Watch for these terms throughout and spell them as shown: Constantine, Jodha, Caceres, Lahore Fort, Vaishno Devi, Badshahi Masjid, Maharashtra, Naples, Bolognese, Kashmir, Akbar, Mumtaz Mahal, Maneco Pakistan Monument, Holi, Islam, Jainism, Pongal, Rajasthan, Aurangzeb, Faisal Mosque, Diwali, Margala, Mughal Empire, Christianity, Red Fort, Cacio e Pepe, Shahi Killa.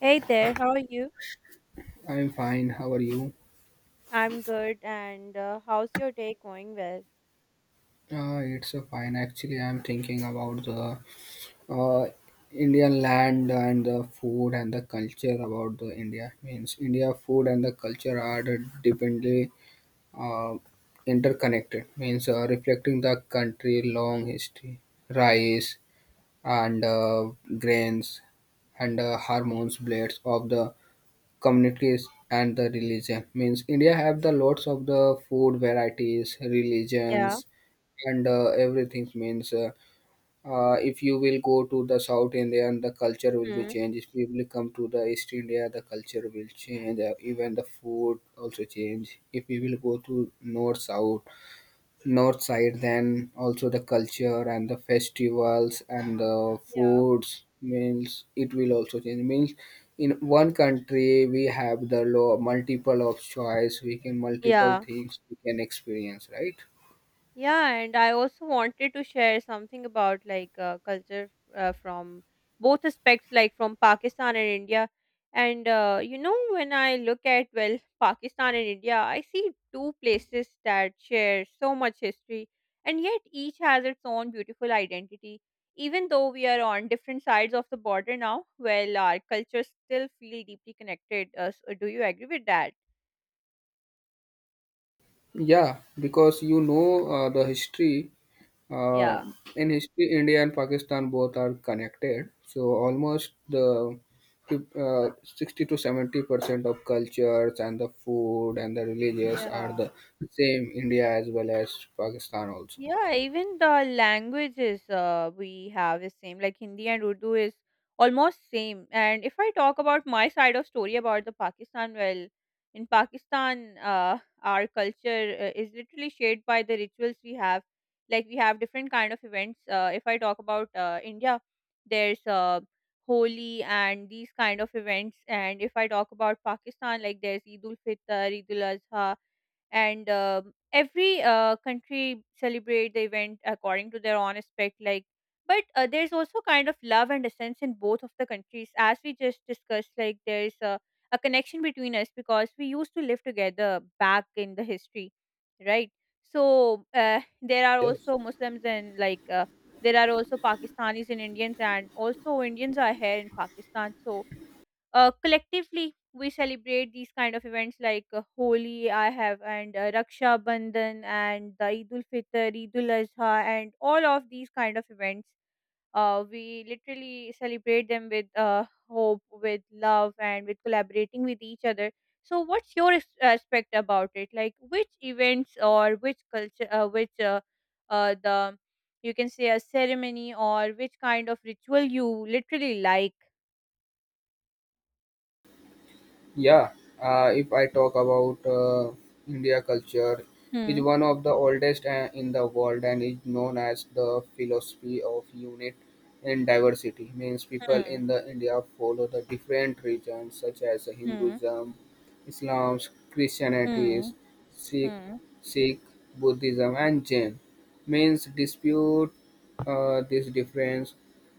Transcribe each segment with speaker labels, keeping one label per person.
Speaker 1: Hey there, how are you?
Speaker 2: I'm fine. How are you?
Speaker 1: I'm good, and how's your day going? Well,
Speaker 2: It's fine. Actually, I'm thinking about the uh, Indian land and the food and the culture about the India. Means India food and the culture are deeply uh, interconnected. Means reflecting the country long history, rice and grains and hormones blades of the communities and the religion means india have the lots of the food varieties
Speaker 1: yeah.
Speaker 2: religions and everything means if you will go to the south india and the culture will be
Speaker 1: Hmm.
Speaker 2: changed if you will come to the east india the culture will change, even the food also change if we will go to north south north side then also the culture and the festivals and the
Speaker 1: Yeah.
Speaker 2: foods means it will also change means in one country we have the law multiple of choice we can multiple
Speaker 1: Yeah.
Speaker 2: things we can experience, right?
Speaker 1: Yeah, and I also wanted to share something about culture from both aspects, like from Pakistan and India. And you know, when I look at, well, Pakistan and India, I see two places that share so much history, and yet each has its own beautiful identity. Even though we are on different sides of the border now, well, our cultures still feel deeply connected. So do you agree with that?
Speaker 2: Yeah, because you know the history. Uh,
Speaker 1: Yeah.
Speaker 2: in history, India and Pakistan both are connected. So almost the 60 to 70% of cultures and the food and the religious
Speaker 1: Yeah.
Speaker 2: are the same. India as well as Pakistan also.
Speaker 1: Yeah, even the languages we have is same. Like Hindi and Urdu is almost same. And if I talk about my side of story about the Pakistan, well, in Pakistan, our culture is literally shaped by the rituals we have. Like we have different kind of events. If I talk about India, there's Holi and these kind of events. And if I talk about Pakistan, like there's Eid ul Fitr, Eid ul Adha, and every country celebrate the event according to their own aspect, like, but there's also kind of love and a sense in both of the countries, as we just discussed, like there's a connection between us because we used to live together back in the history, right? So there are also Muslims, and there are also Pakistanis and Indians, and also Indians are here in Pakistan. So collectively we celebrate these kind of events like Holi I have, and Raksha Bandhan and the Eid ul Fitr, Eid ul Azha, and all of these kind of events. We literally celebrate them with hope, with love, and with collaborating with each other. So, what's your aspect about it? Like, which events or which culture, which the you can say a ceremony, or which kind of ritual you literally like?
Speaker 2: Yeah, if I talk about India culture, is
Speaker 1: Hmm.
Speaker 2: one of the oldest in the world and is known as the philosophy of unit and diversity. Means people
Speaker 1: Hmm.
Speaker 2: in the India follow the different religions such as
Speaker 1: Hmm.
Speaker 2: Hinduism, Islam, Christianity,
Speaker 1: Hmm.
Speaker 2: Sikh,
Speaker 1: Hmm.
Speaker 2: Sikh, Buddhism, and Jain. Means dispute this difference.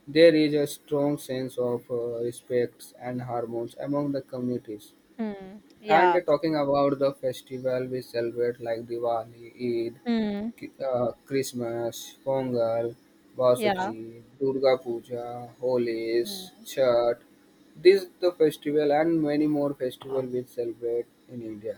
Speaker 2: There is a strong sense of respect and harmony among the communities
Speaker 1: Mm.
Speaker 2: and
Speaker 1: Yeah.
Speaker 2: talking about the festival we celebrate like Diwali, Eid,
Speaker 1: Hmm.
Speaker 2: Christmas, Pongal,
Speaker 1: Yeah.
Speaker 2: Vasaki, Durga Puja, Holies,
Speaker 1: Hmm.
Speaker 2: Chhat. These the festival and many more festival we celebrate in India.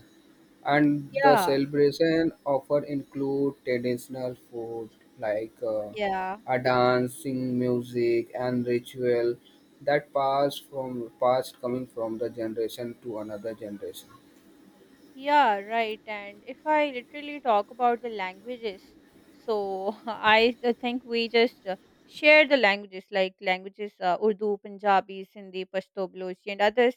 Speaker 2: And the
Speaker 1: Yeah,
Speaker 2: celebration often include traditional food like
Speaker 1: yeah.
Speaker 2: a dancing, music, and ritual that pass from pass coming from the generation to another generation.
Speaker 1: Yeah, right. And if I literally talk about the languages, so I think we just share the languages, like languages Urdu, Punjabi, Sindhi, Pashto, Balochi, and others.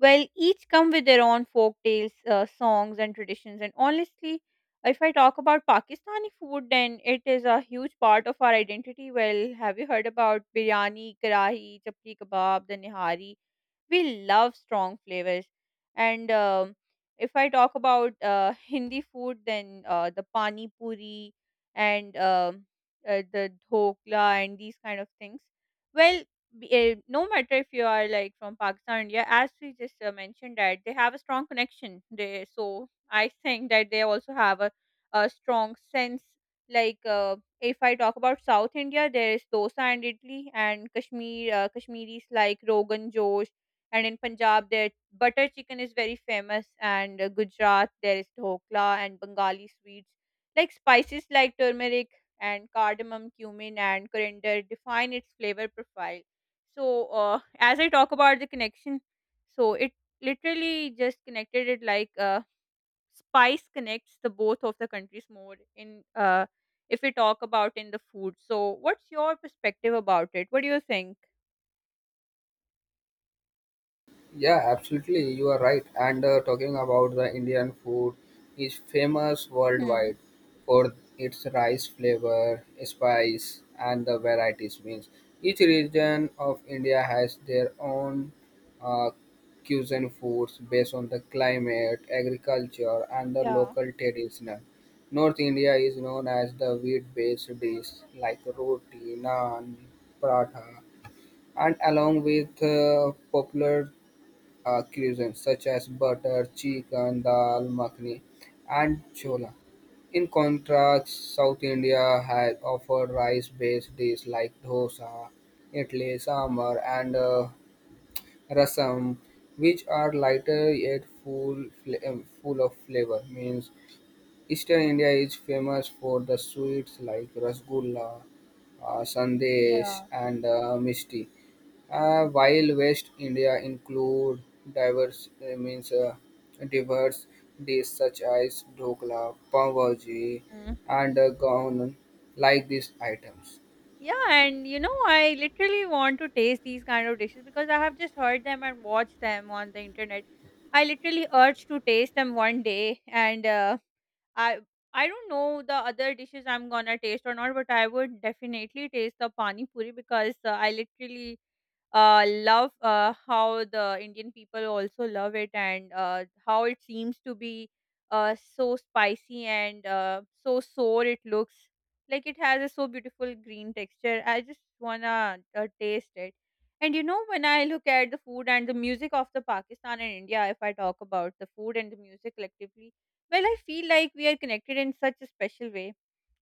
Speaker 1: Well, each come with their own folk tales, songs, and traditions. And honestly, if I talk about Pakistani food, then it is a huge part of our identity. Well, have you heard about biryani, karahi, chapli kebab, the nihari? We love strong flavors. And if I talk about Hindi food, then the pani puri, and the dhokla and these kind of things. Well, no matter if you are like from Pakistan, India, as we just mentioned, that they have a strong connection, they, so I think that they also have a strong sense, like, if I talk about South India, there is dosa and idli, and Kashmir, Kashmiris like Rogan Josh, and in Punjab, their butter chicken is very famous, and Gujarat, there is dhokla and Bengali sweets. Like spices like turmeric and cardamom, cumin, and coriander define its flavor profile. So, as I talk about the connection, so it literally just connected it, like spice connects the both of the countries more in if we talk about in the food. So, what's your perspective about it? What do you think?
Speaker 2: Yeah, absolutely. You are right. And talking about the Indian food is famous
Speaker 1: Hmm.
Speaker 2: worldwide for its rice flavor, spice, and the varieties. Means each region of India has their own uh, cuisine foods based on the climate, agriculture, and the
Speaker 1: Yeah,
Speaker 2: local traditional. North India is known as the wheat-based dish like roti, naan, paratha, and along with popular cuisines such as butter, chicken, dal makhani, and chola. In contrast, South India has offered rice-based dishes like dosa, idli, sambar, and rasam, which are lighter yet full of flavor. Means Eastern India is famous for the sweets like rasgulla, sandesh,
Speaker 1: yeah.
Speaker 2: and misti. While West India include diverse uh, means uh, diverse dishes such as dhokla, pav bhaji, and gaon like these items.
Speaker 1: Yeah, and you know, I literally want to taste these kind of dishes because I have just heard them and watched them on the internet. I literally urge to taste them one day, and I I don't know the other dishes I'm gonna taste or not, but I would definitely taste the pani puri because I literally love how the Indian people also love it, and how it seems to be so spicy and so sour it looks. Like it has a so beautiful green texture. I just wanna taste it. And you know, when I look at the food and the music of the Pakistan and India, if I talk about the food and the music collectively, well, I feel like we are connected in such a special way.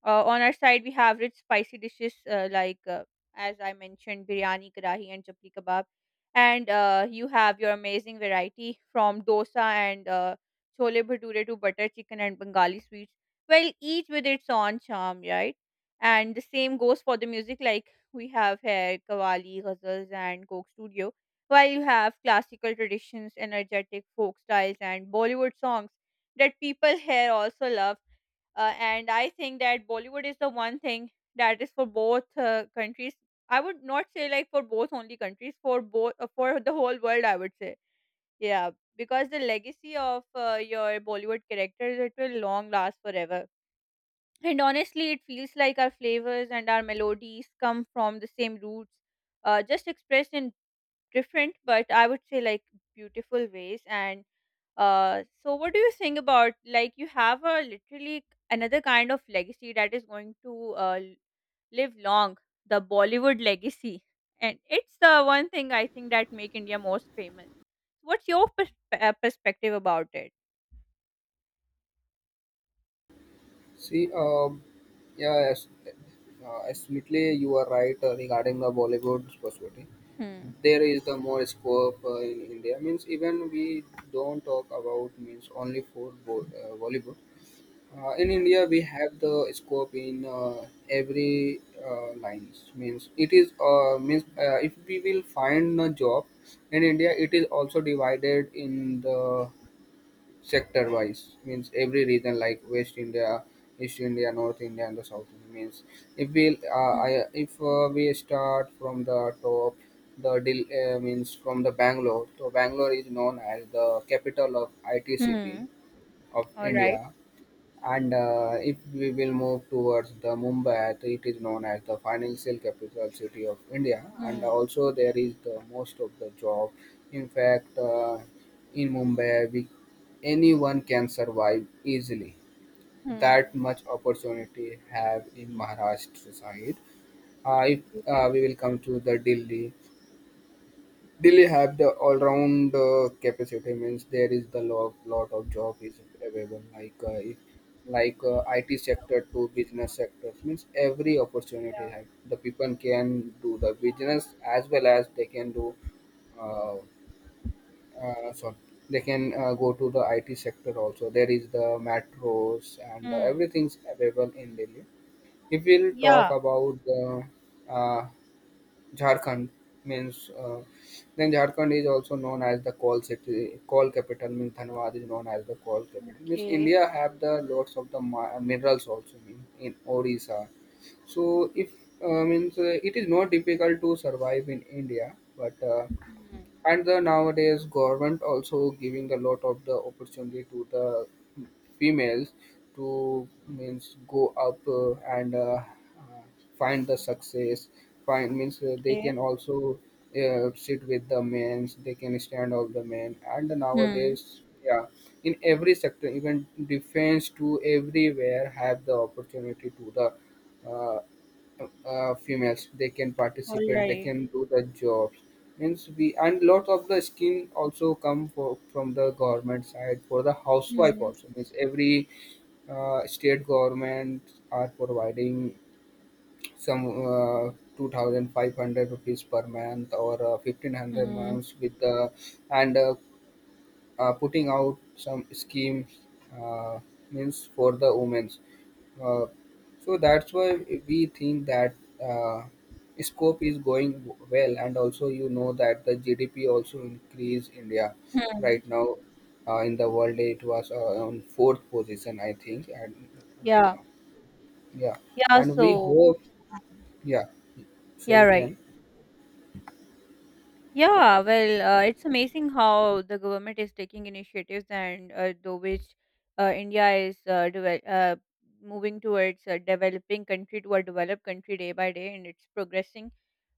Speaker 1: Uh, On our side, we have rich spicy dishes as I mentioned, biryani, karahi, and chapli kebab. And you have your amazing variety from dosa and chole bhature to butter chicken and Bengali sweets. Well, each with its own charm, right? And the same goes for the music. Like, we have here Kawali, Ghazals, and Coke Studio. While you have classical traditions, energetic folk styles, and Bollywood songs that people here also love. And I think that Bollywood is the one thing that is for both countries. I would not say like for both only countries, for both for the whole world, I would say. Yeah, because the legacy of your Bollywood characters, it will long last forever. And honestly, it feels like our flavors and our melodies come from the same roots, just expressed in different, but I would say like beautiful ways. And so what do you think about, like, you have a literally another kind of legacy that is going to live long, the Bollywood legacy, and it's the one thing I think that make India most famous. What's your perspective about it?
Speaker 2: See, um, yeah, as, absolutely, you are right regarding the Bollywood perspective.
Speaker 1: Hmm.
Speaker 2: There is the more scope in India. Means even we don't talk about means only for Bollywood. In India, we have the scope in every lines. Means it is means if we will find a job in India, it is also divided in the sector wise means every region like west india east india north india and the south India. Means if we
Speaker 1: Hmm.
Speaker 2: I, if we start from the top the deal means from the bangalore, so bangalore is known as the capital of it city
Speaker 1: Hmm.
Speaker 2: of
Speaker 1: All
Speaker 2: india,
Speaker 1: right.
Speaker 2: and if we will move towards the Mumbai, it is known as the financial capital city of India, and
Speaker 1: Hmm.
Speaker 2: also there is the most of the job. In fact, in Mumbai, anyone can survive easily. That
Speaker 1: Hmm.
Speaker 2: much opportunity have in Maharashtra side. If
Speaker 1: Okay.
Speaker 2: we will come to the Delhi, Delhi have the all-round capacity means there is the lot of job is available like IT sector to business sectors means every
Speaker 1: Yeah.
Speaker 2: opportunity have the people can do the business as well as they can do uh, sorry they can go to the IT sector, also there is the metros and
Speaker 1: Hmm.
Speaker 2: everything's available in Delhi if we'll talk
Speaker 1: Yeah.
Speaker 2: about the uh, Jharkhand means then Jharkhand is also known as the coal city, coal capital means Dhanbad is known as the coal capital. Means
Speaker 1: Okay.
Speaker 2: India have the lots of the minerals also mean in Orissa. So if means it is not difficult to survive in India, but
Speaker 1: Hmm.
Speaker 2: and the nowadays government also giving a lot of the opportunity to the females to means go up and find the success, find means they
Speaker 1: Okay.
Speaker 2: can also sit with the men, they can stand all the men, and
Speaker 1: Hmm.
Speaker 2: nowadays yeah in every sector even defense to everywhere have the opportunity to the females, they can
Speaker 1: All
Speaker 2: participate, they
Speaker 1: right.
Speaker 2: can do the jobs means we and lot of the scheme also come for, from the government side for the housewife
Speaker 1: Mhm,
Speaker 2: also means every state government are providing some uh, 2500 rupees per month or 1500
Speaker 1: mm,
Speaker 2: months with the and putting out some schemes uh, means for the women's uh, so that's why we think that uh, scope is going well, and also you know that the gdp also increase india
Speaker 1: mhm.
Speaker 2: right now, in the world it was on fourth position I think, and right
Speaker 1: Yeah,
Speaker 2: now yeah,
Speaker 1: yeah.
Speaker 2: and we
Speaker 1: So,
Speaker 2: hope
Speaker 1: um,
Speaker 2: yeah so
Speaker 1: yeah,
Speaker 2: you
Speaker 1: right.
Speaker 2: can.
Speaker 1: Yeah, well, it's amazing how the government is taking initiatives, and though which India is devel moving towards a developing country to a developed country day by day, and it's progressing.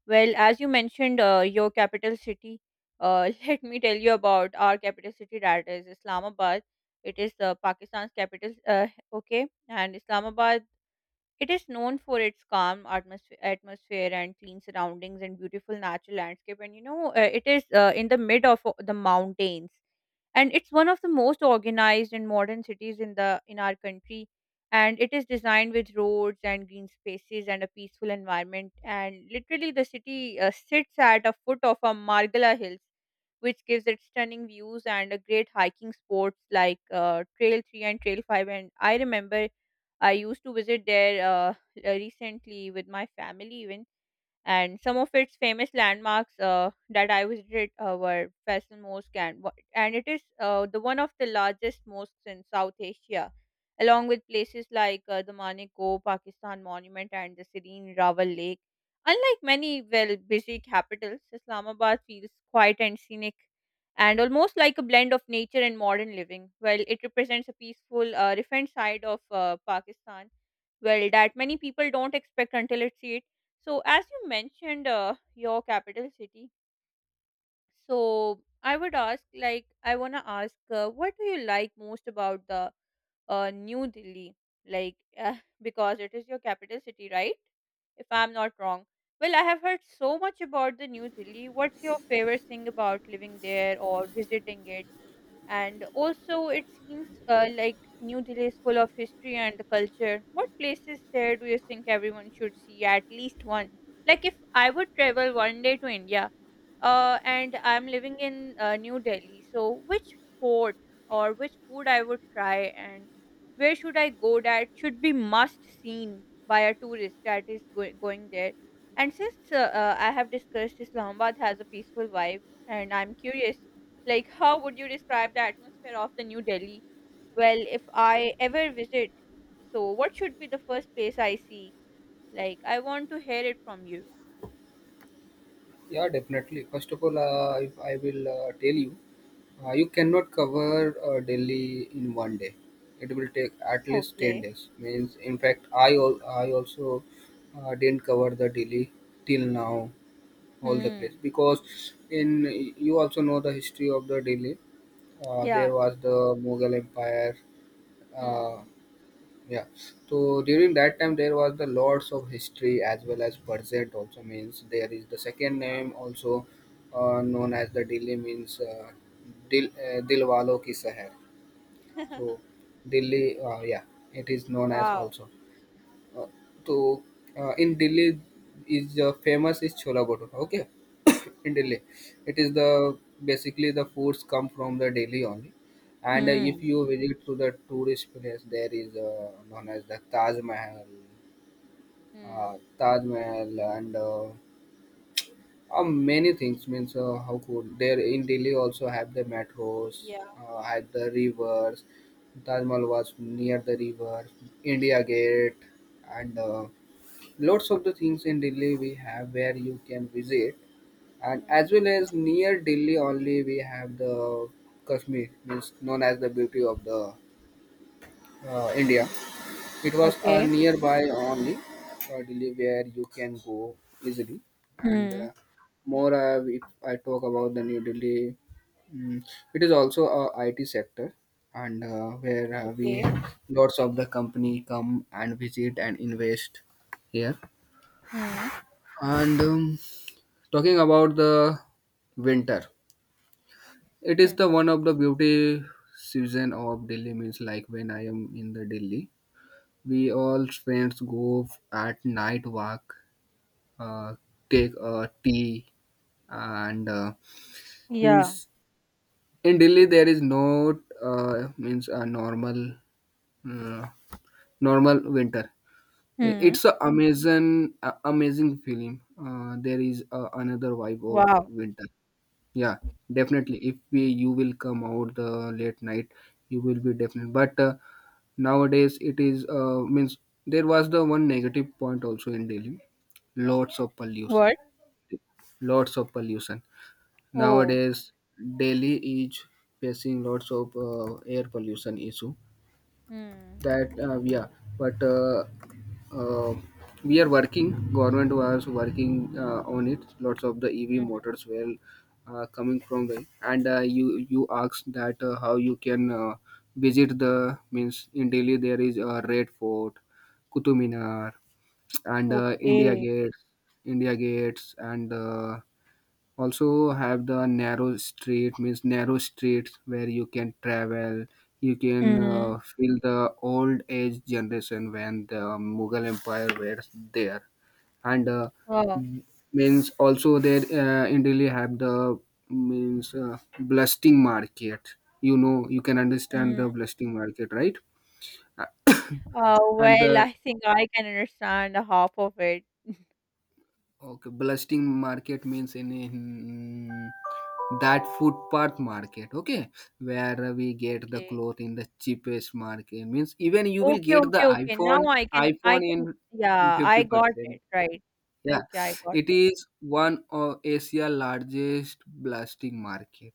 Speaker 1: Well, as you mentioned, your capital city, let me tell you about our capital city, that is Islamabad. It is Pakistan's capital, okay, and Islamabad, it is known for its calm atmosphere, and clean surroundings, and beautiful natural landscape. And you know, it is in the mid of the mountains, and it's one of the most organized and modern cities in the, in our country. And it is designed with roads and green spaces and a peaceful environment, and literally the city sits at a foot of a Margala Hills, which gives it stunning views and a great hiking sports like trail 3 and trail 5. And I remember I used to visit there recently with my family even. And some of its famous landmarks that I visited were Faisal Mosque, and and it is the one of the largest mosques in South Asia, along with places like the Maneco Pakistan Monument and the serene Rawal Lake. Unlike many, well, busy capitals, Islamabad feels quiet and scenic, and almost like a blend of nature and modern living. Well, it represents a peaceful, refined side of Pakistan, well, that many people don't expect until it. So as you mentioned your capital city, so I would ask, like, I want to ask, what do you like most about the New Delhi, like, because it is your capital city, right, if I'm not wrong? Well, I have heard so much about the New Delhi. What's your favorite thing about living there or visiting it? And also, it seems like New Delhi is full of history and the culture. What places there do you think everyone should see at least one? Like, if I would travel one day to India, and I'm living in New Delhi, so which sport or which food I would try, and where should I go that should be must seen by a tourist that is going there? And since I have discussed Islamabad has a peaceful vibe, and I'm curious, like, how would you describe the atmosphere of the New Delhi? Well, if I ever visit, so what should be the first place I see? Like, I want to hear it from you.
Speaker 2: Yeah, definitely. First of all, if I will tell you, you cannot cover Delhi in one day. It will take at least ten
Speaker 1: Okay.
Speaker 2: days. Means, in fact, I also didn't cover the Delhi till now, all the place
Speaker 1: Hmm.
Speaker 2: because in you also know the history of the Delhi. Uh,
Speaker 1: Yeah.
Speaker 2: there was the Mughal Empire. uh,
Speaker 1: Hmm.
Speaker 2: yeah. So during that time, there was the lots of History as well as Burzet also means there is the second name also known as the Delhi means Dilwalo Ki Sahar. So Delhi, yeah, it is known as
Speaker 1: Wow.
Speaker 2: also. Uh, तो In Delhi is famous is Chola Bhatura. Okay, in
Speaker 1: Okay.
Speaker 2: Delhi, it is the basically the foods come from the Delhi only. And
Speaker 1: Hmm.
Speaker 2: if you visit to the tourist place, there is known as the
Speaker 1: Hmm.
Speaker 2: Taj Mahal, and many things. Means how could there in Delhi also have the metros,
Speaker 1: Yeah.
Speaker 2: have the rivers. Taj Mahal was near the river, India Gate, and lots of the things in Delhi we have where you can visit, and
Speaker 1: Hmm.
Speaker 2: as well as near Delhi only we have the Kashmir, means known as the beauty of the India. It was
Speaker 1: Okay.
Speaker 2: nearby only Delhi where you can go easily, and
Speaker 1: Hmm.
Speaker 2: more if I talk about the New Delhi, mm, it is also a IT sector. And where we
Speaker 1: Okay.
Speaker 2: lots of the company come and visit and invest here,
Speaker 1: Hmm.
Speaker 2: and talking about the winter, it is
Speaker 1: Hmm.
Speaker 2: the one of the beauty season of Delhi. Means like when I am in the Delhi, we all friends go at night walk, uh, take a tea, and
Speaker 1: Yeah.
Speaker 2: means in Delhi there is no means a normal uh, normal winter. I-
Speaker 1: Hmm.
Speaker 2: It's a- amazing feeling. There is another vibe of
Speaker 1: Wow.
Speaker 2: winter. Yeah, definitely. If we you will come out the late night, you will be definitely. But nowadays it is means there was the one negative point also in Delhi. Lots of pollution.
Speaker 1: What?
Speaker 2: Lots of pollution.
Speaker 1: Oh.
Speaker 2: Nowadays Delhi is facing lots of air pollution issue
Speaker 1: Hmm.
Speaker 2: that yeah, but uh, we are working government was working on it, lots of the ev
Speaker 1: Hmm.
Speaker 2: motors were coming from there, and you asked that how you can visit the means in delhi there is a red fort, Qutub minar, and
Speaker 1: Okay.
Speaker 2: india gates and also have the narrow streets where you can travel, you can
Speaker 1: Hmm.
Speaker 2: feel the old age generation when the mughal empire was there, and
Speaker 1: Wow.
Speaker 2: m- means also there in delhi have the means blasting market, you know, you can understand
Speaker 1: Hmm.
Speaker 2: the blasting market, right? Uh, and
Speaker 1: Well,
Speaker 2: the
Speaker 1: I think I can understand a half of it.
Speaker 2: okay, blasting market means in that footpath market, okay, where we get the
Speaker 1: Okay.
Speaker 2: cloth in the cheapest market. Means even you will
Speaker 1: Okay,
Speaker 2: get the
Speaker 1: okay, okay. Now
Speaker 2: iPhone, iPhone in in
Speaker 1: yeah,
Speaker 2: fifty
Speaker 1: I got
Speaker 2: percent.
Speaker 1: it, right.
Speaker 2: Yeah,
Speaker 1: Okay, I got
Speaker 2: it
Speaker 1: it.
Speaker 2: is one of Asia largest blasting market.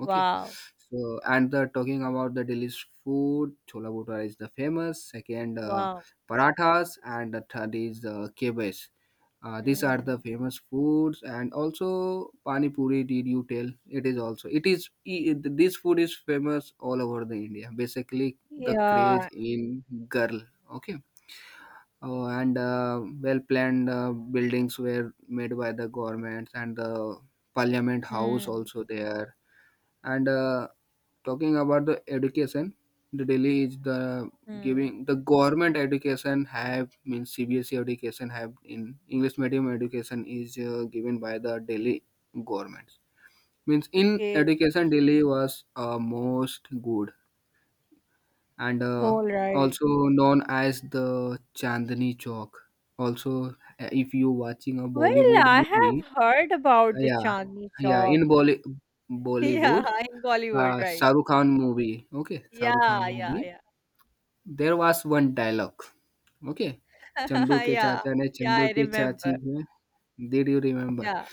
Speaker 2: Okay, so and the talking about the Delhi's food, chola bhatura is the famous. Second,
Speaker 1: wow.
Speaker 2: parathas, and the third is kebab. These are the
Speaker 1: Hmm.
Speaker 2: famous foods, and also pani puri. Did you tell? It is also it is I- it- this food is famous all over the India. Basically, the
Speaker 1: Yeah.
Speaker 2: craze in girl. Okay. Oh, and well-planned buildings were made by the governments and the parliament house
Speaker 1: Hmm.
Speaker 2: also there, and talking about the education, the Delhi is the
Speaker 1: Hmm.
Speaker 2: giving the government education have, means CBSE education have in English medium education is given by the Delhi government. Means in
Speaker 1: Okay.
Speaker 2: education Delhi was most good, and
Speaker 1: All right.
Speaker 2: also known as the Chandni Chowk also. If you watching a
Speaker 1: Well,
Speaker 2: Bollywood
Speaker 1: I
Speaker 2: movie,
Speaker 1: have heard about the
Speaker 2: yeah,
Speaker 1: Chandni
Speaker 2: yeah
Speaker 1: Chowk.
Speaker 2: in Bolly-
Speaker 1: Yeah,
Speaker 2: Bollywood,
Speaker 1: in Bollywood, right.
Speaker 2: Shahrukh Khan movie. Okay, Shahrukh Khan
Speaker 1: Yeah, yeah,
Speaker 2: movie.
Speaker 1: yeah.
Speaker 2: There was one dialogue. Okay, Chandu ke
Speaker 1: Yeah,
Speaker 2: chacha ne
Speaker 1: yeah,
Speaker 2: Chandu
Speaker 1: I
Speaker 2: ke chachi
Speaker 1: remember.
Speaker 2: ko. Did you remember?
Speaker 1: Yeah.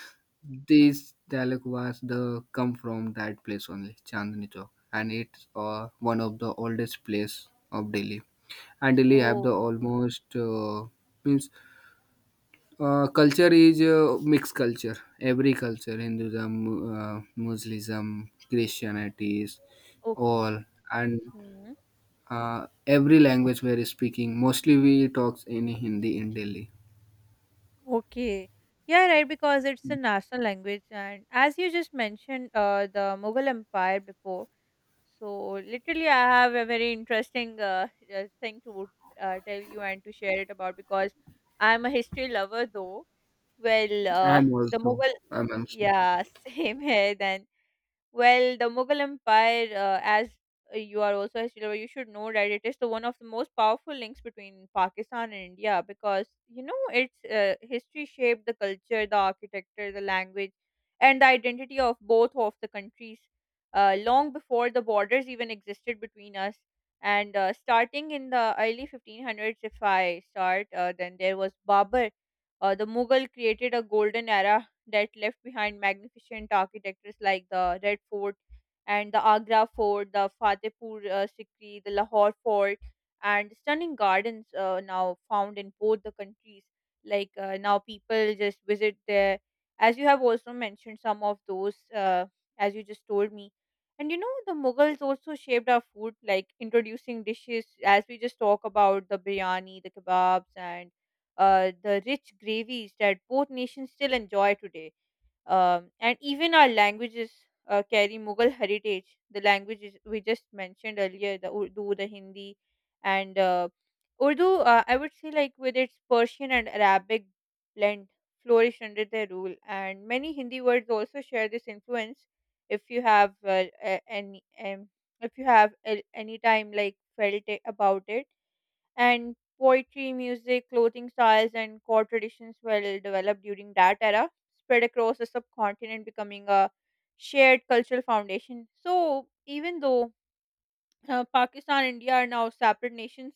Speaker 2: This dialogue was the come from that place only, Chandni Chowk, and it's one of the oldest place of Delhi. And Delhi have the
Speaker 1: Oh,
Speaker 2: almost means culture is mixed culture. Every culture, Hinduism, Muslim, Christianity,
Speaker 1: okay.
Speaker 2: all, and
Speaker 1: Hmm.
Speaker 2: every language we are speaking. Mostly we talk in Hindi in Delhi.
Speaker 1: Okay. Yeah, right, because it's a national language. And as you just mentioned, the Mughal Empire before. So, literally, I have a very interesting thing to tell you and to share it about because I'm a history lover, though. Well, uh,
Speaker 2: I'm
Speaker 1: the
Speaker 2: also.
Speaker 1: Mughal,
Speaker 2: I'm also.
Speaker 1: yeah, same here. The Mughal Empire, as you are also a student, you should know that it is the one of the most powerful links between Pakistan and India because you know its history shaped the culture, the architecture, the language, and the identity of both of the countries long before the borders even existed between us. And Starting in the early 1500s, if I start, then there was Babur. The Mughal created a golden era that left behind magnificent architectures like the Red Fort and the Agra Fort, the Fatehpur Sikri, the Lahore Fort, and stunning gardens now found in both the countries. Like now, people just visit there. As you have also mentioned, some of those, as you just told me, and you know, the Mughals also shaped our food, like introducing dishes, as we just talk about the biryani, the kebabs, and the rich gravies that both nations still enjoy today. And even our languages carry Mughal heritage. The languages we just mentioned earlier, the Urdu, the Hindi, and Urdu, I would say, like with its Persian and Arabic blend, flourished under their rule. And many Hindi words also share this influence. If you have a- any, If you have any time like felt it, about it and poetry, music, clothing styles, and core traditions well developed during that era, spread across the subcontinent, becoming a shared cultural foundation. So, even though Pakistan India are now separate nations,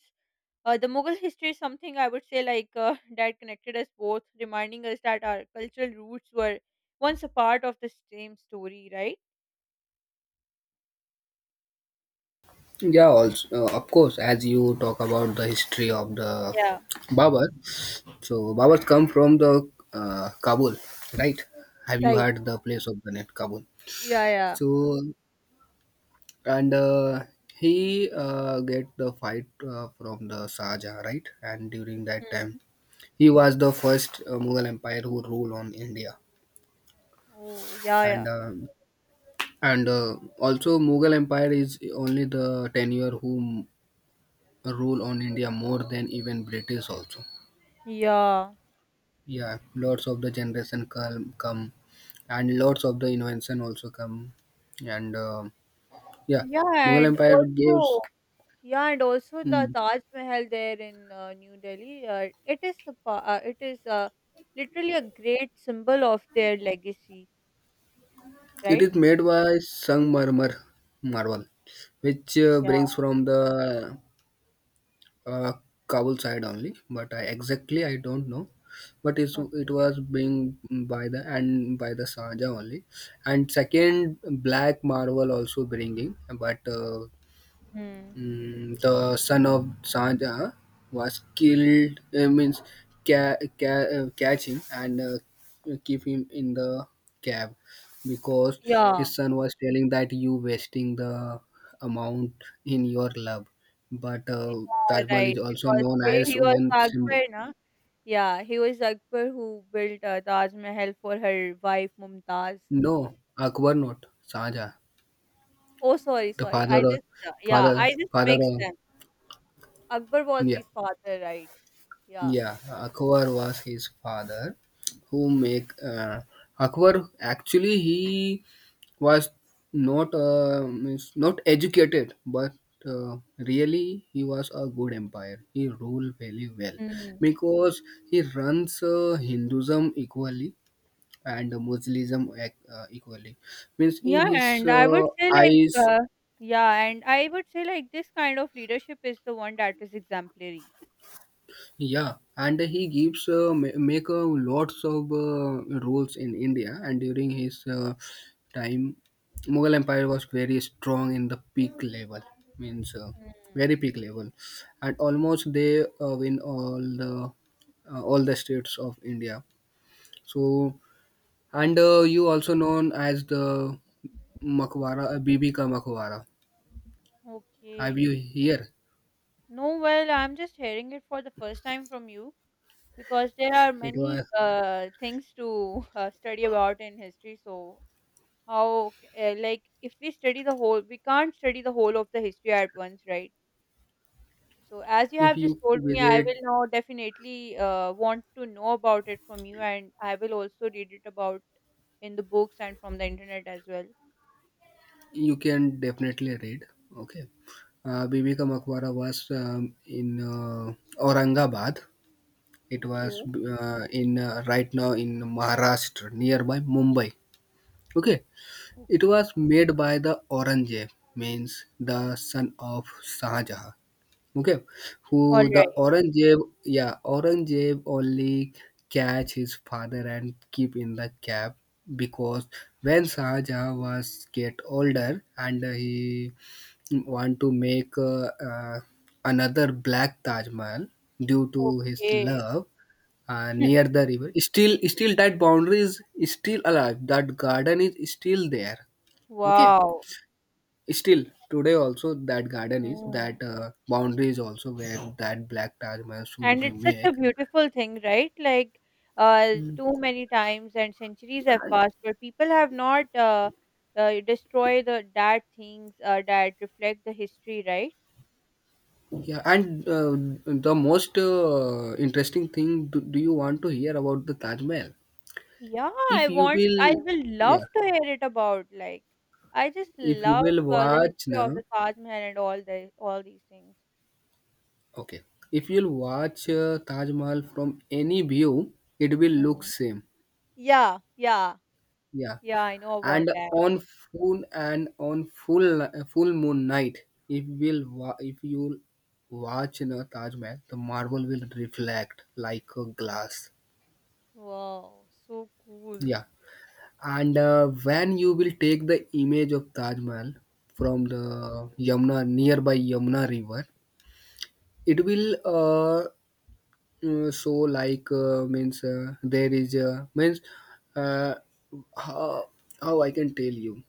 Speaker 1: the Mughal history is something I would say like that connected us both, reminding us that our cultural roots were once a part of the same story, right?
Speaker 2: Yeah, also of course. As you talk about the history of the
Speaker 1: Yeah.
Speaker 2: Babar, so Babars come from the Kabul, right? Have you
Speaker 1: Right.
Speaker 2: heard the place of the net Kabul?
Speaker 1: Yeah. Yeah.
Speaker 2: So and he get the fight from the Shah Jahan, right? And during that
Speaker 1: Hmm.
Speaker 2: time, he was the first Mughal Empire who ruled on India,
Speaker 1: Oh, yeah.
Speaker 2: and
Speaker 1: Yeah.
Speaker 2: also Mughal Empire is only the tenure who rule on India more than even British also.
Speaker 1: Yeah.
Speaker 2: Yeah, lots of the generation come, and lots of the invention also come, and yeah,
Speaker 1: Yeah,
Speaker 2: Mughal
Speaker 1: and
Speaker 2: Empire gives.
Speaker 1: also Yeah, and also the
Speaker 2: Hmm,
Speaker 1: Taj Mahal there in New Delhi, it is literally a great symbol of their legacy,
Speaker 2: it
Speaker 1: right?
Speaker 2: is made by sangmarmar marble, which
Speaker 1: Yeah.
Speaker 2: brings from the uh, Kabul side only, but I exactly I don't know. But it's, it
Speaker 1: Okay.
Speaker 2: was being by the and by the Saja only, and second Black Marvel also bringing, but
Speaker 1: Hmm.
Speaker 2: mm, the son of Sanja was killed, means catch him and keep him in the cab, because his
Speaker 1: Yeah.
Speaker 2: son was telling that you wasting the amount in your love. But
Speaker 1: Yeah.
Speaker 2: Taj Mahal
Speaker 1: Right.
Speaker 2: is also
Speaker 1: Because
Speaker 2: known
Speaker 1: he,
Speaker 2: as
Speaker 1: he was the
Speaker 2: one symbol.
Speaker 1: Akbar, na? Yeah, he was Akbar who built Taj Mahal for her wife Mumtaz.
Speaker 2: No, Akbar not Sanja,
Speaker 1: Oh, sorry,
Speaker 2: the
Speaker 1: sorry.
Speaker 2: father
Speaker 1: I
Speaker 2: of
Speaker 1: just Yeah, I
Speaker 2: father
Speaker 1: just
Speaker 2: father
Speaker 1: mixed
Speaker 2: of.
Speaker 1: them. Akbar was
Speaker 2: Yeah.
Speaker 1: his father, right? Yeah.
Speaker 2: Yeah, Akbar was his father, who make Akbar actually he was not means not educated, but really he was a good empire. He ruled very well,
Speaker 1: Hmm.
Speaker 2: because he runs Hinduism equally and Muslimism equally. Means in
Speaker 1: Yeah,
Speaker 2: his
Speaker 1: and I would say like
Speaker 2: eyes.
Speaker 1: uh, yeah, and I would say like this kind of leadership is the one that is exemplary.
Speaker 2: Yeah, and he gives make lots of rules in India, and during his time, Mughal Empire was very strong in the peak level, means
Speaker 1: Mm,
Speaker 2: very peak level, and almost they win all the states of India. So, and you also known as the Makwara, Bibi ka Makwara. Have
Speaker 1: okay.
Speaker 2: you here?
Speaker 1: No, well, I'm just hearing it for the first time from you because there are
Speaker 2: It
Speaker 1: many
Speaker 2: was,
Speaker 1: things to study about in history. So, like, if we study the whole, we can't study the whole of the history at once, right? So, as you
Speaker 2: if
Speaker 1: have just
Speaker 2: you
Speaker 1: told me, I will
Speaker 2: visit.
Speaker 1: now definitely want to know about it from you, and I will also read it about in the books and from the internet as well.
Speaker 2: You can definitely read. Okay. Bibi Ka Maqbara was in Aurangabad. It was
Speaker 1: Okay,
Speaker 2: in right now in Maharashtra, nearby Mumbai. Okay. It
Speaker 1: okay,
Speaker 2: was made by the Aurangzeb, means the son of Shah Jahan. Okay,
Speaker 1: All
Speaker 2: who the
Speaker 1: right.
Speaker 2: Aurangzeb? Yeah, Aurangzeb only catch his father and keep in the cab, because when Shah Jahan was get older and he want to make another black Taj Mahal due to his
Speaker 1: okay.
Speaker 2: love near the river. Still, that boundary is still alive. That garden is still there. Okay,
Speaker 1: Wow.
Speaker 2: still today also that garden is
Speaker 1: Mm.
Speaker 2: that boundary is also where that black Taj Mahal should
Speaker 1: And
Speaker 2: be
Speaker 1: it's such
Speaker 2: made.
Speaker 1: a beautiful thing, right? Like,
Speaker 2: Mm.
Speaker 1: too many times and centuries have passed, but people have not destroyed the that things that reflect the history, right?
Speaker 2: Yeah, and the most interesting thing, do you want to hear about the Taj Mahal?
Speaker 1: Yeah,
Speaker 2: If you
Speaker 1: I
Speaker 2: will,
Speaker 1: will
Speaker 2: yeah,
Speaker 1: love to hear it about like I just
Speaker 2: if you
Speaker 1: love
Speaker 2: will
Speaker 1: the
Speaker 2: watch
Speaker 1: history of
Speaker 2: now.
Speaker 1: the Taj Mahal and all the all these things.
Speaker 2: Okay. If you'll watch Taj Mahal from any view, it will look
Speaker 1: Mm.
Speaker 2: same.
Speaker 1: Yeah, yeah,
Speaker 2: Yeah.
Speaker 1: yeah, I know about
Speaker 2: And
Speaker 1: that.
Speaker 2: on full moon night, if will wa- if you watch, you know, Taj Mahal, the marble will reflect like a glass.
Speaker 1: Wow, so cool.
Speaker 2: Yeah. And when you will take the image of Taj Mahal from the Yamuna, nearby Yamuna river, it will so like means there is means uh, how, how I can tell you,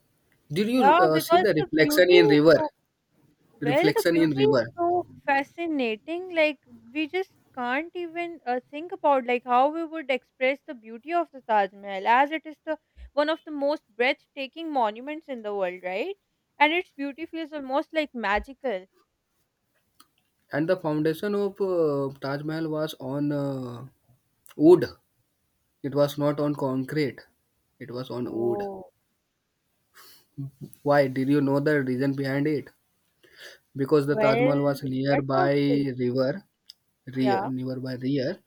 Speaker 2: did you
Speaker 1: Yeah,
Speaker 2: see
Speaker 1: because
Speaker 2: the
Speaker 1: the
Speaker 2: reflection
Speaker 1: beauty
Speaker 2: in
Speaker 1: is
Speaker 2: river,
Speaker 1: so Well, the
Speaker 2: reflection in
Speaker 1: beauty is
Speaker 2: river
Speaker 1: so fascinating. Like we just can't even think about like how we would express the beauty of the Taj Mahal, as it is the one of the most breathtaking monuments in the world, right? And its beauty feels almost like magical.
Speaker 2: and the foundation of Taj Mahal was on wood. It was not on concrete, it was on wood.
Speaker 1: Oh,
Speaker 2: Why, did you know the reason behind it? Because the Taj
Speaker 1: well,
Speaker 2: Mahal was
Speaker 1: what was
Speaker 2: nearby
Speaker 1: it?
Speaker 2: river, rear,
Speaker 1: Yeah.
Speaker 2: nearby rear,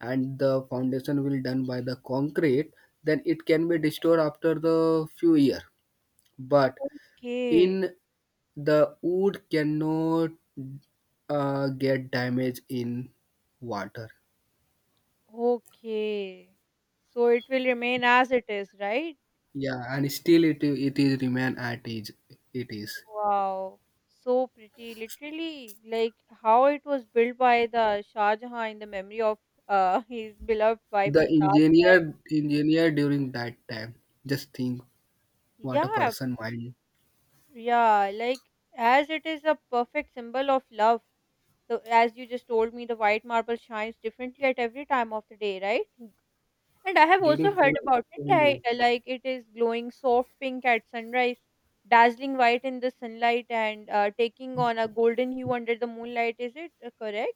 Speaker 2: and the foundation will done by the concrete, then it can be destroyed after the few year. But
Speaker 1: Okay.
Speaker 2: in the wood cannot get damage in water.
Speaker 1: Okay. So it will remain as it is, right?
Speaker 2: Yeah, and still it is remain at is, it is
Speaker 1: Wow, so pretty. Literally, like how it was built by the Shah Jahan in the memory of his beloved wife
Speaker 2: the
Speaker 1: Mumtaz. Mahal.
Speaker 2: engineer during that time, just think what a
Speaker 1: Yeah,
Speaker 2: person mind
Speaker 1: yeah, like as it is a perfect symbol of love. So, as you just told me, the white marble shines differently at every time of the day, right? And I have also
Speaker 2: during
Speaker 1: heard about it,
Speaker 2: full moon.
Speaker 1: like it is glowing soft pink at sunrise, dazzling white in the sunlight, and taking on a golden hue under the moonlight. Is it correct?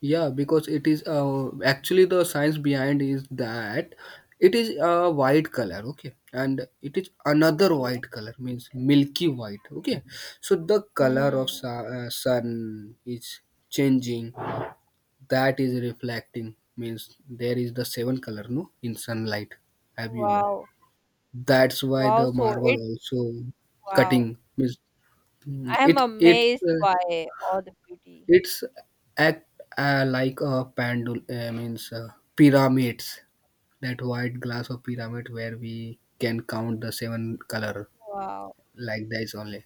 Speaker 2: Yeah, because it is actually the science behind is that it is a white color, okay, and it is another
Speaker 1: Okay.
Speaker 2: white color means milky white, okay. So the color of
Speaker 1: Mhm.
Speaker 2: sun is changing, that is reflecting means there is the seven color, no, in sunlight, have you know?
Speaker 1: Wow.
Speaker 2: That's why
Speaker 1: Wow.
Speaker 2: the
Speaker 1: So
Speaker 2: marble
Speaker 1: it
Speaker 2: also
Speaker 1: Wow.
Speaker 2: cutting means, mm,
Speaker 1: I'm amazed by all the beauty.
Speaker 2: It's act like a pandul means pyramids. That white glass of pyramid where we can count the seven color,
Speaker 1: Wow.
Speaker 2: like that is only.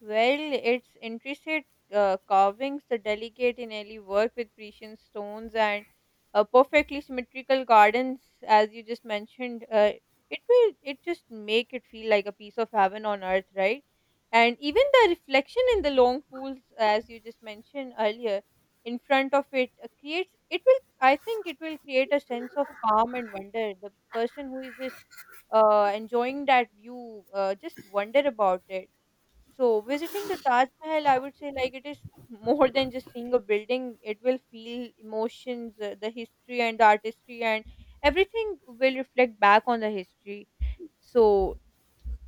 Speaker 1: Well, its intricate carvings, the delicate in work with precious stones, and perfectly symmetrical gardens, as you just mentioned, it will it just make it feel like a piece of heaven on earth, right? And even the reflection in the long pools, as you just mentioned earlier, in front of it creates it will. I think it will create a sense of calm and wonder. The person who is just enjoying that view just wonder about it so visiting the Taj Mahal, I would say like it is more than just seeing a building. It will feel emotions, the history and the artistry, and everything will reflect back on the history. So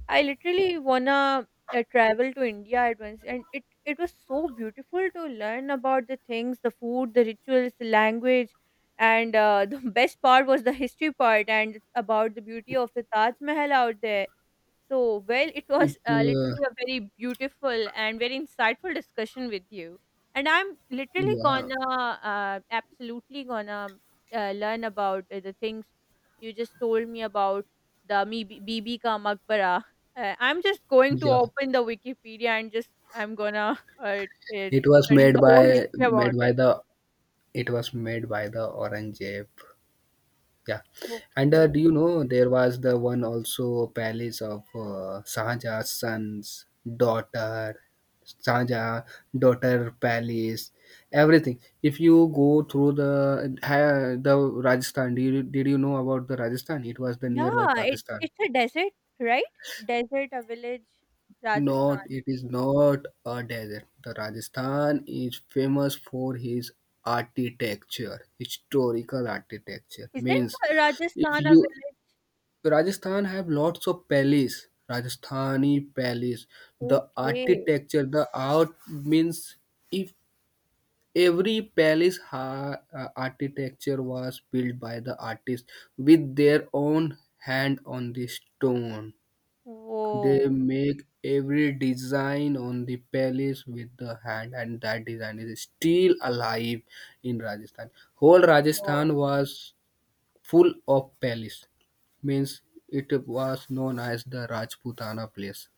Speaker 1: I literally wanna travel to India at once, and it was so beautiful to learn about the things, the food, the rituals, the language, and the best part was the history part and about the beauty of the Taj Mahal out there so, well, it was
Speaker 2: It
Speaker 1: literally a very beautiful and very insightful discussion with you. And I'm literally
Speaker 2: yeah,
Speaker 1: gonna, absolutely gonna learn about the things you just told me about the Bibi Ka Makbara. I'm just going to
Speaker 2: yeah.
Speaker 1: open the Wikipedia and just I'm gonna study
Speaker 2: It was made
Speaker 1: the whole
Speaker 2: by
Speaker 1: history about it.
Speaker 2: the, it was made by the orange ape. Yeah, and
Speaker 1: Okay.
Speaker 2: do you know there was the one also palace of Shah sons, daughter, Shah daughter palace, everything. If you go through the ha, the Rajasthan, did you know about the Rajasthan? It was the
Speaker 1: Yeah,
Speaker 2: nearby Pakistan.
Speaker 1: it's a desert, right? Desert, a village,
Speaker 2: Not,
Speaker 1: Rajasthan.
Speaker 2: it is not a desert. The Rajasthan is famous for his architecture, historical architecture.
Speaker 1: Isn't
Speaker 2: Means if
Speaker 1: Rajasthan a
Speaker 2: you,
Speaker 1: village?
Speaker 2: Rajasthan have lots of palace, Rajasthani palace. The
Speaker 1: Okay.
Speaker 2: architecture, the art means if every architecture was built by the artist with their own hand on the stone. They
Speaker 1: Woah!
Speaker 2: make every design on the palace with the hand, and that design is still alive in Rajasthan. Whole
Speaker 1: Wow.
Speaker 2: Rajasthan was full of palace, means it was known as the Rajputana place,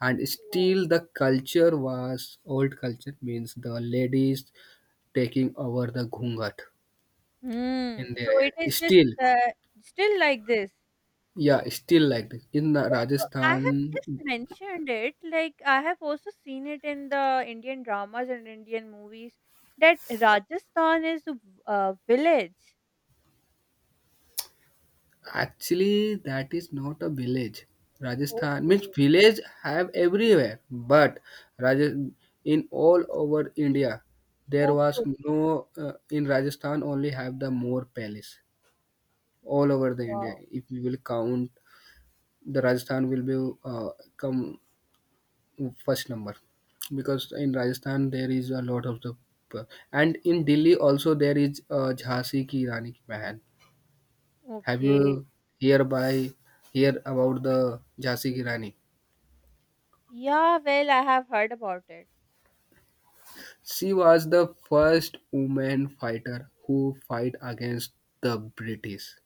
Speaker 2: and
Speaker 1: Oh.
Speaker 2: still the culture was old culture, means the ladies taking over the ghungat in
Speaker 1: Hmm.
Speaker 2: their
Speaker 1: So it
Speaker 2: head
Speaker 1: is just
Speaker 2: still.
Speaker 1: still like this.
Speaker 2: Yeah, still like this in the
Speaker 1: Yes, so I have
Speaker 2: Rajasthan.
Speaker 1: just mentioned it. Like I have also seen it in the Indian dramas and Indian movies that Rajasthan is a village.
Speaker 2: Actually, that is not a village. Rajasthan means
Speaker 1: Okay.
Speaker 2: village have everywhere, but Raj- in all over India, there
Speaker 1: Okay,
Speaker 2: was
Speaker 1: okay.
Speaker 2: no in Rajasthan only have the more palace all over the India.
Speaker 1: Wow.
Speaker 2: If we will count, the Rajasthan will be come first number, because in Rajasthan there is a lot of the uh, and in Delhi also there is Jhansi ki Rani ki Mahal. Have
Speaker 1: Okay.
Speaker 2: you hereby hear about the Jhansi Ki Rani?
Speaker 1: Yeah, well, I have heard about it.
Speaker 2: She was the first woman fighter who fight against the British,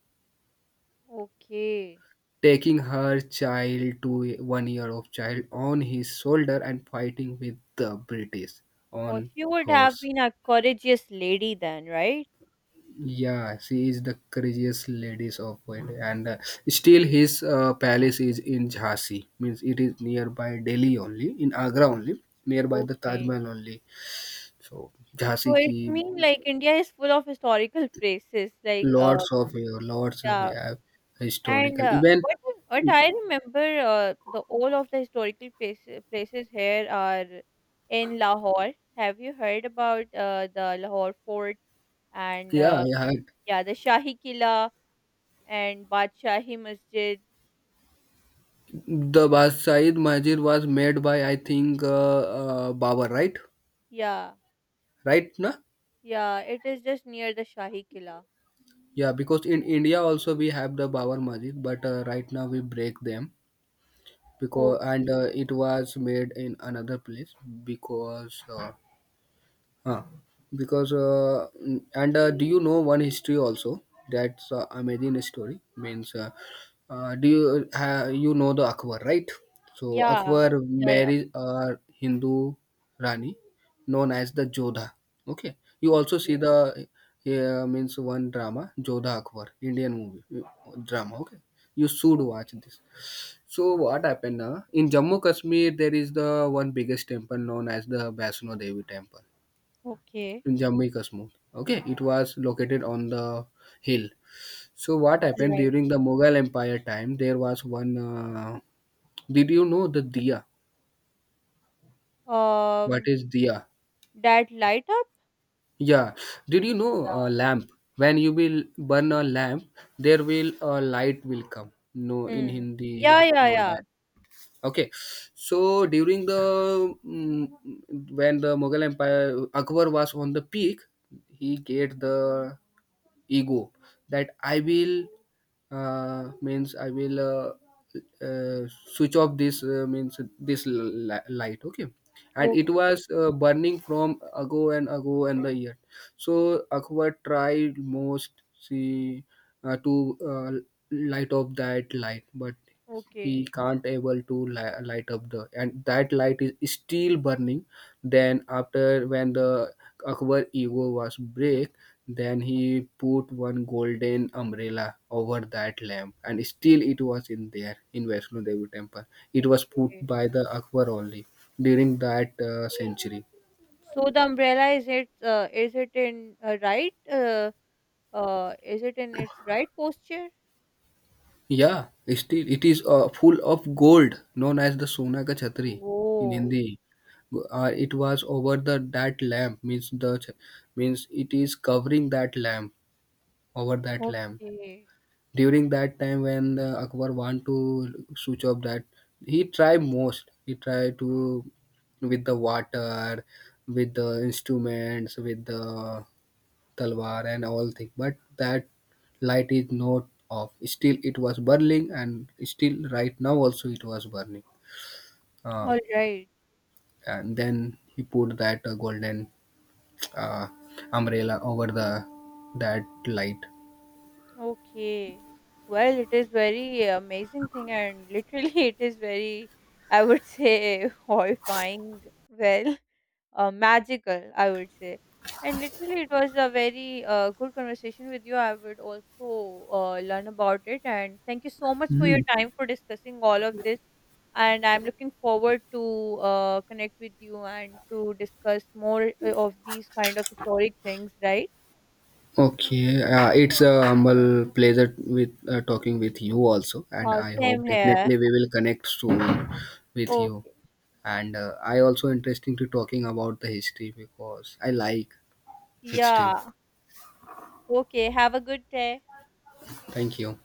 Speaker 1: Okay.
Speaker 2: taking her child to 1 year of child on his shoulder and fighting with the British
Speaker 1: Oh,
Speaker 2: on
Speaker 1: she would have
Speaker 2: horse.
Speaker 1: been a courageous lady then, right?
Speaker 2: Yeah, she is the craziest ladies of India, and still his palace is in Jhansi. Means it is nearby Delhi only, in Agra only, nearby the Taj
Speaker 1: Okay.
Speaker 2: Mahal only. So Jhansi
Speaker 1: So
Speaker 2: ki,
Speaker 1: it's mean like India is full of historical places, like
Speaker 2: lots of
Speaker 1: yeah. And
Speaker 2: historical even,
Speaker 1: what I remember, the all of the historical places here are in Lahore. Have you heard about the Lahore Fort and
Speaker 2: yeah,
Speaker 1: yeah, the Shahi Killa and Badshahi Masjid?
Speaker 2: the Basai Masjid was made by, I think, Babur, right,
Speaker 1: Yeah,
Speaker 2: right na?
Speaker 1: yeah, it is just near the Shahi Killa.
Speaker 2: Yeah, because in India also we have the Babur Masjid, but right now we break them, because and
Speaker 1: Okay.
Speaker 2: it was made in another place, because Ah, because mm, and do you know one history also? That's amazing story. Means, do you you know the Akbar, right? So
Speaker 1: Yeah,
Speaker 2: Akbar
Speaker 1: yeah, yeah.
Speaker 2: married a Hindu Rani, known as the Jodha. Okay, you also
Speaker 1: Okay,
Speaker 2: see the means one drama Jodha Akbar, Indian movie drama. Okay, you should watch
Speaker 1: okay,
Speaker 2: this. So what happened now? In Jammu Kashmir, there is the one biggest temple known as the Vaishno Devi temple,
Speaker 1: okay.
Speaker 2: Jammu smooth. Okay, it was located on the hill. So what
Speaker 1: All
Speaker 2: happened
Speaker 1: right.
Speaker 2: during the Mughal Empire time? There was one. Did you know the diya? What
Speaker 1: Um.
Speaker 2: is diya?
Speaker 1: That light up?
Speaker 2: Yeah. Did you know
Speaker 1: Yeah.
Speaker 2: a lamp? When you will burn a lamp, there will a light will come. No, in
Speaker 1: Hmm.
Speaker 2: Hindi,
Speaker 1: Yeah, yeah,
Speaker 2: no
Speaker 1: yeah.
Speaker 2: that. Okay, so during the mm, when the Mughal Empire Akbar was on the peak, he get the ego that I will means I will switch off this means this light. Okay, and it
Speaker 1: Okay,
Speaker 2: was burning from ago and ago and the year. So Akbar tried most, see, to light up that light, but he
Speaker 1: okay,
Speaker 2: can't able to light up the, and that light is still burning. Then after, when the Akbar ego was break, then he put one golden umbrella over that lamp, and still it was in there in Vaishno Devi temple. It was put
Speaker 1: okay.
Speaker 2: by the Akbar only during that century.
Speaker 1: So the umbrella is it in right is it in its right posture?
Speaker 2: Yeah, still it is full of gold, known as the Sona ka Chhatri in
Speaker 1: Oh,
Speaker 2: Hindi. It was over the that lamp, means the means it is covering that lamp, over that lamp.
Speaker 1: okay.
Speaker 2: During that time when Akbar want to switch off that, he tried most. He tried to with the water, with the instruments, with the Talwar and all things. But that light is not off. Still, it was burning, and still, right now also it was burning. Uh,
Speaker 1: All right.
Speaker 2: and then he put that golden uh, umbrella over the that light.
Speaker 1: Okay. Well, it is very amazing thing and literally it is very, I would say, horrifying. Well, magical, I would say. And literally it was a very good conversation with you. I would also learn about it. And thank you so much for your
Speaker 2: Hmm.
Speaker 1: time for discussing all of this. And I'm looking forward to connect with you and to discuss more of these kind of historic things, right?
Speaker 2: Okay, it's a humble pleasure with talking with you also, and I
Speaker 1: Same
Speaker 2: hope
Speaker 1: here.
Speaker 2: definitely we will connect soon with you.
Speaker 1: Okay.
Speaker 2: And I also interesting to talking about the history because I like history.
Speaker 1: Yeah. Okay. Have a good day.
Speaker 2: Thank you.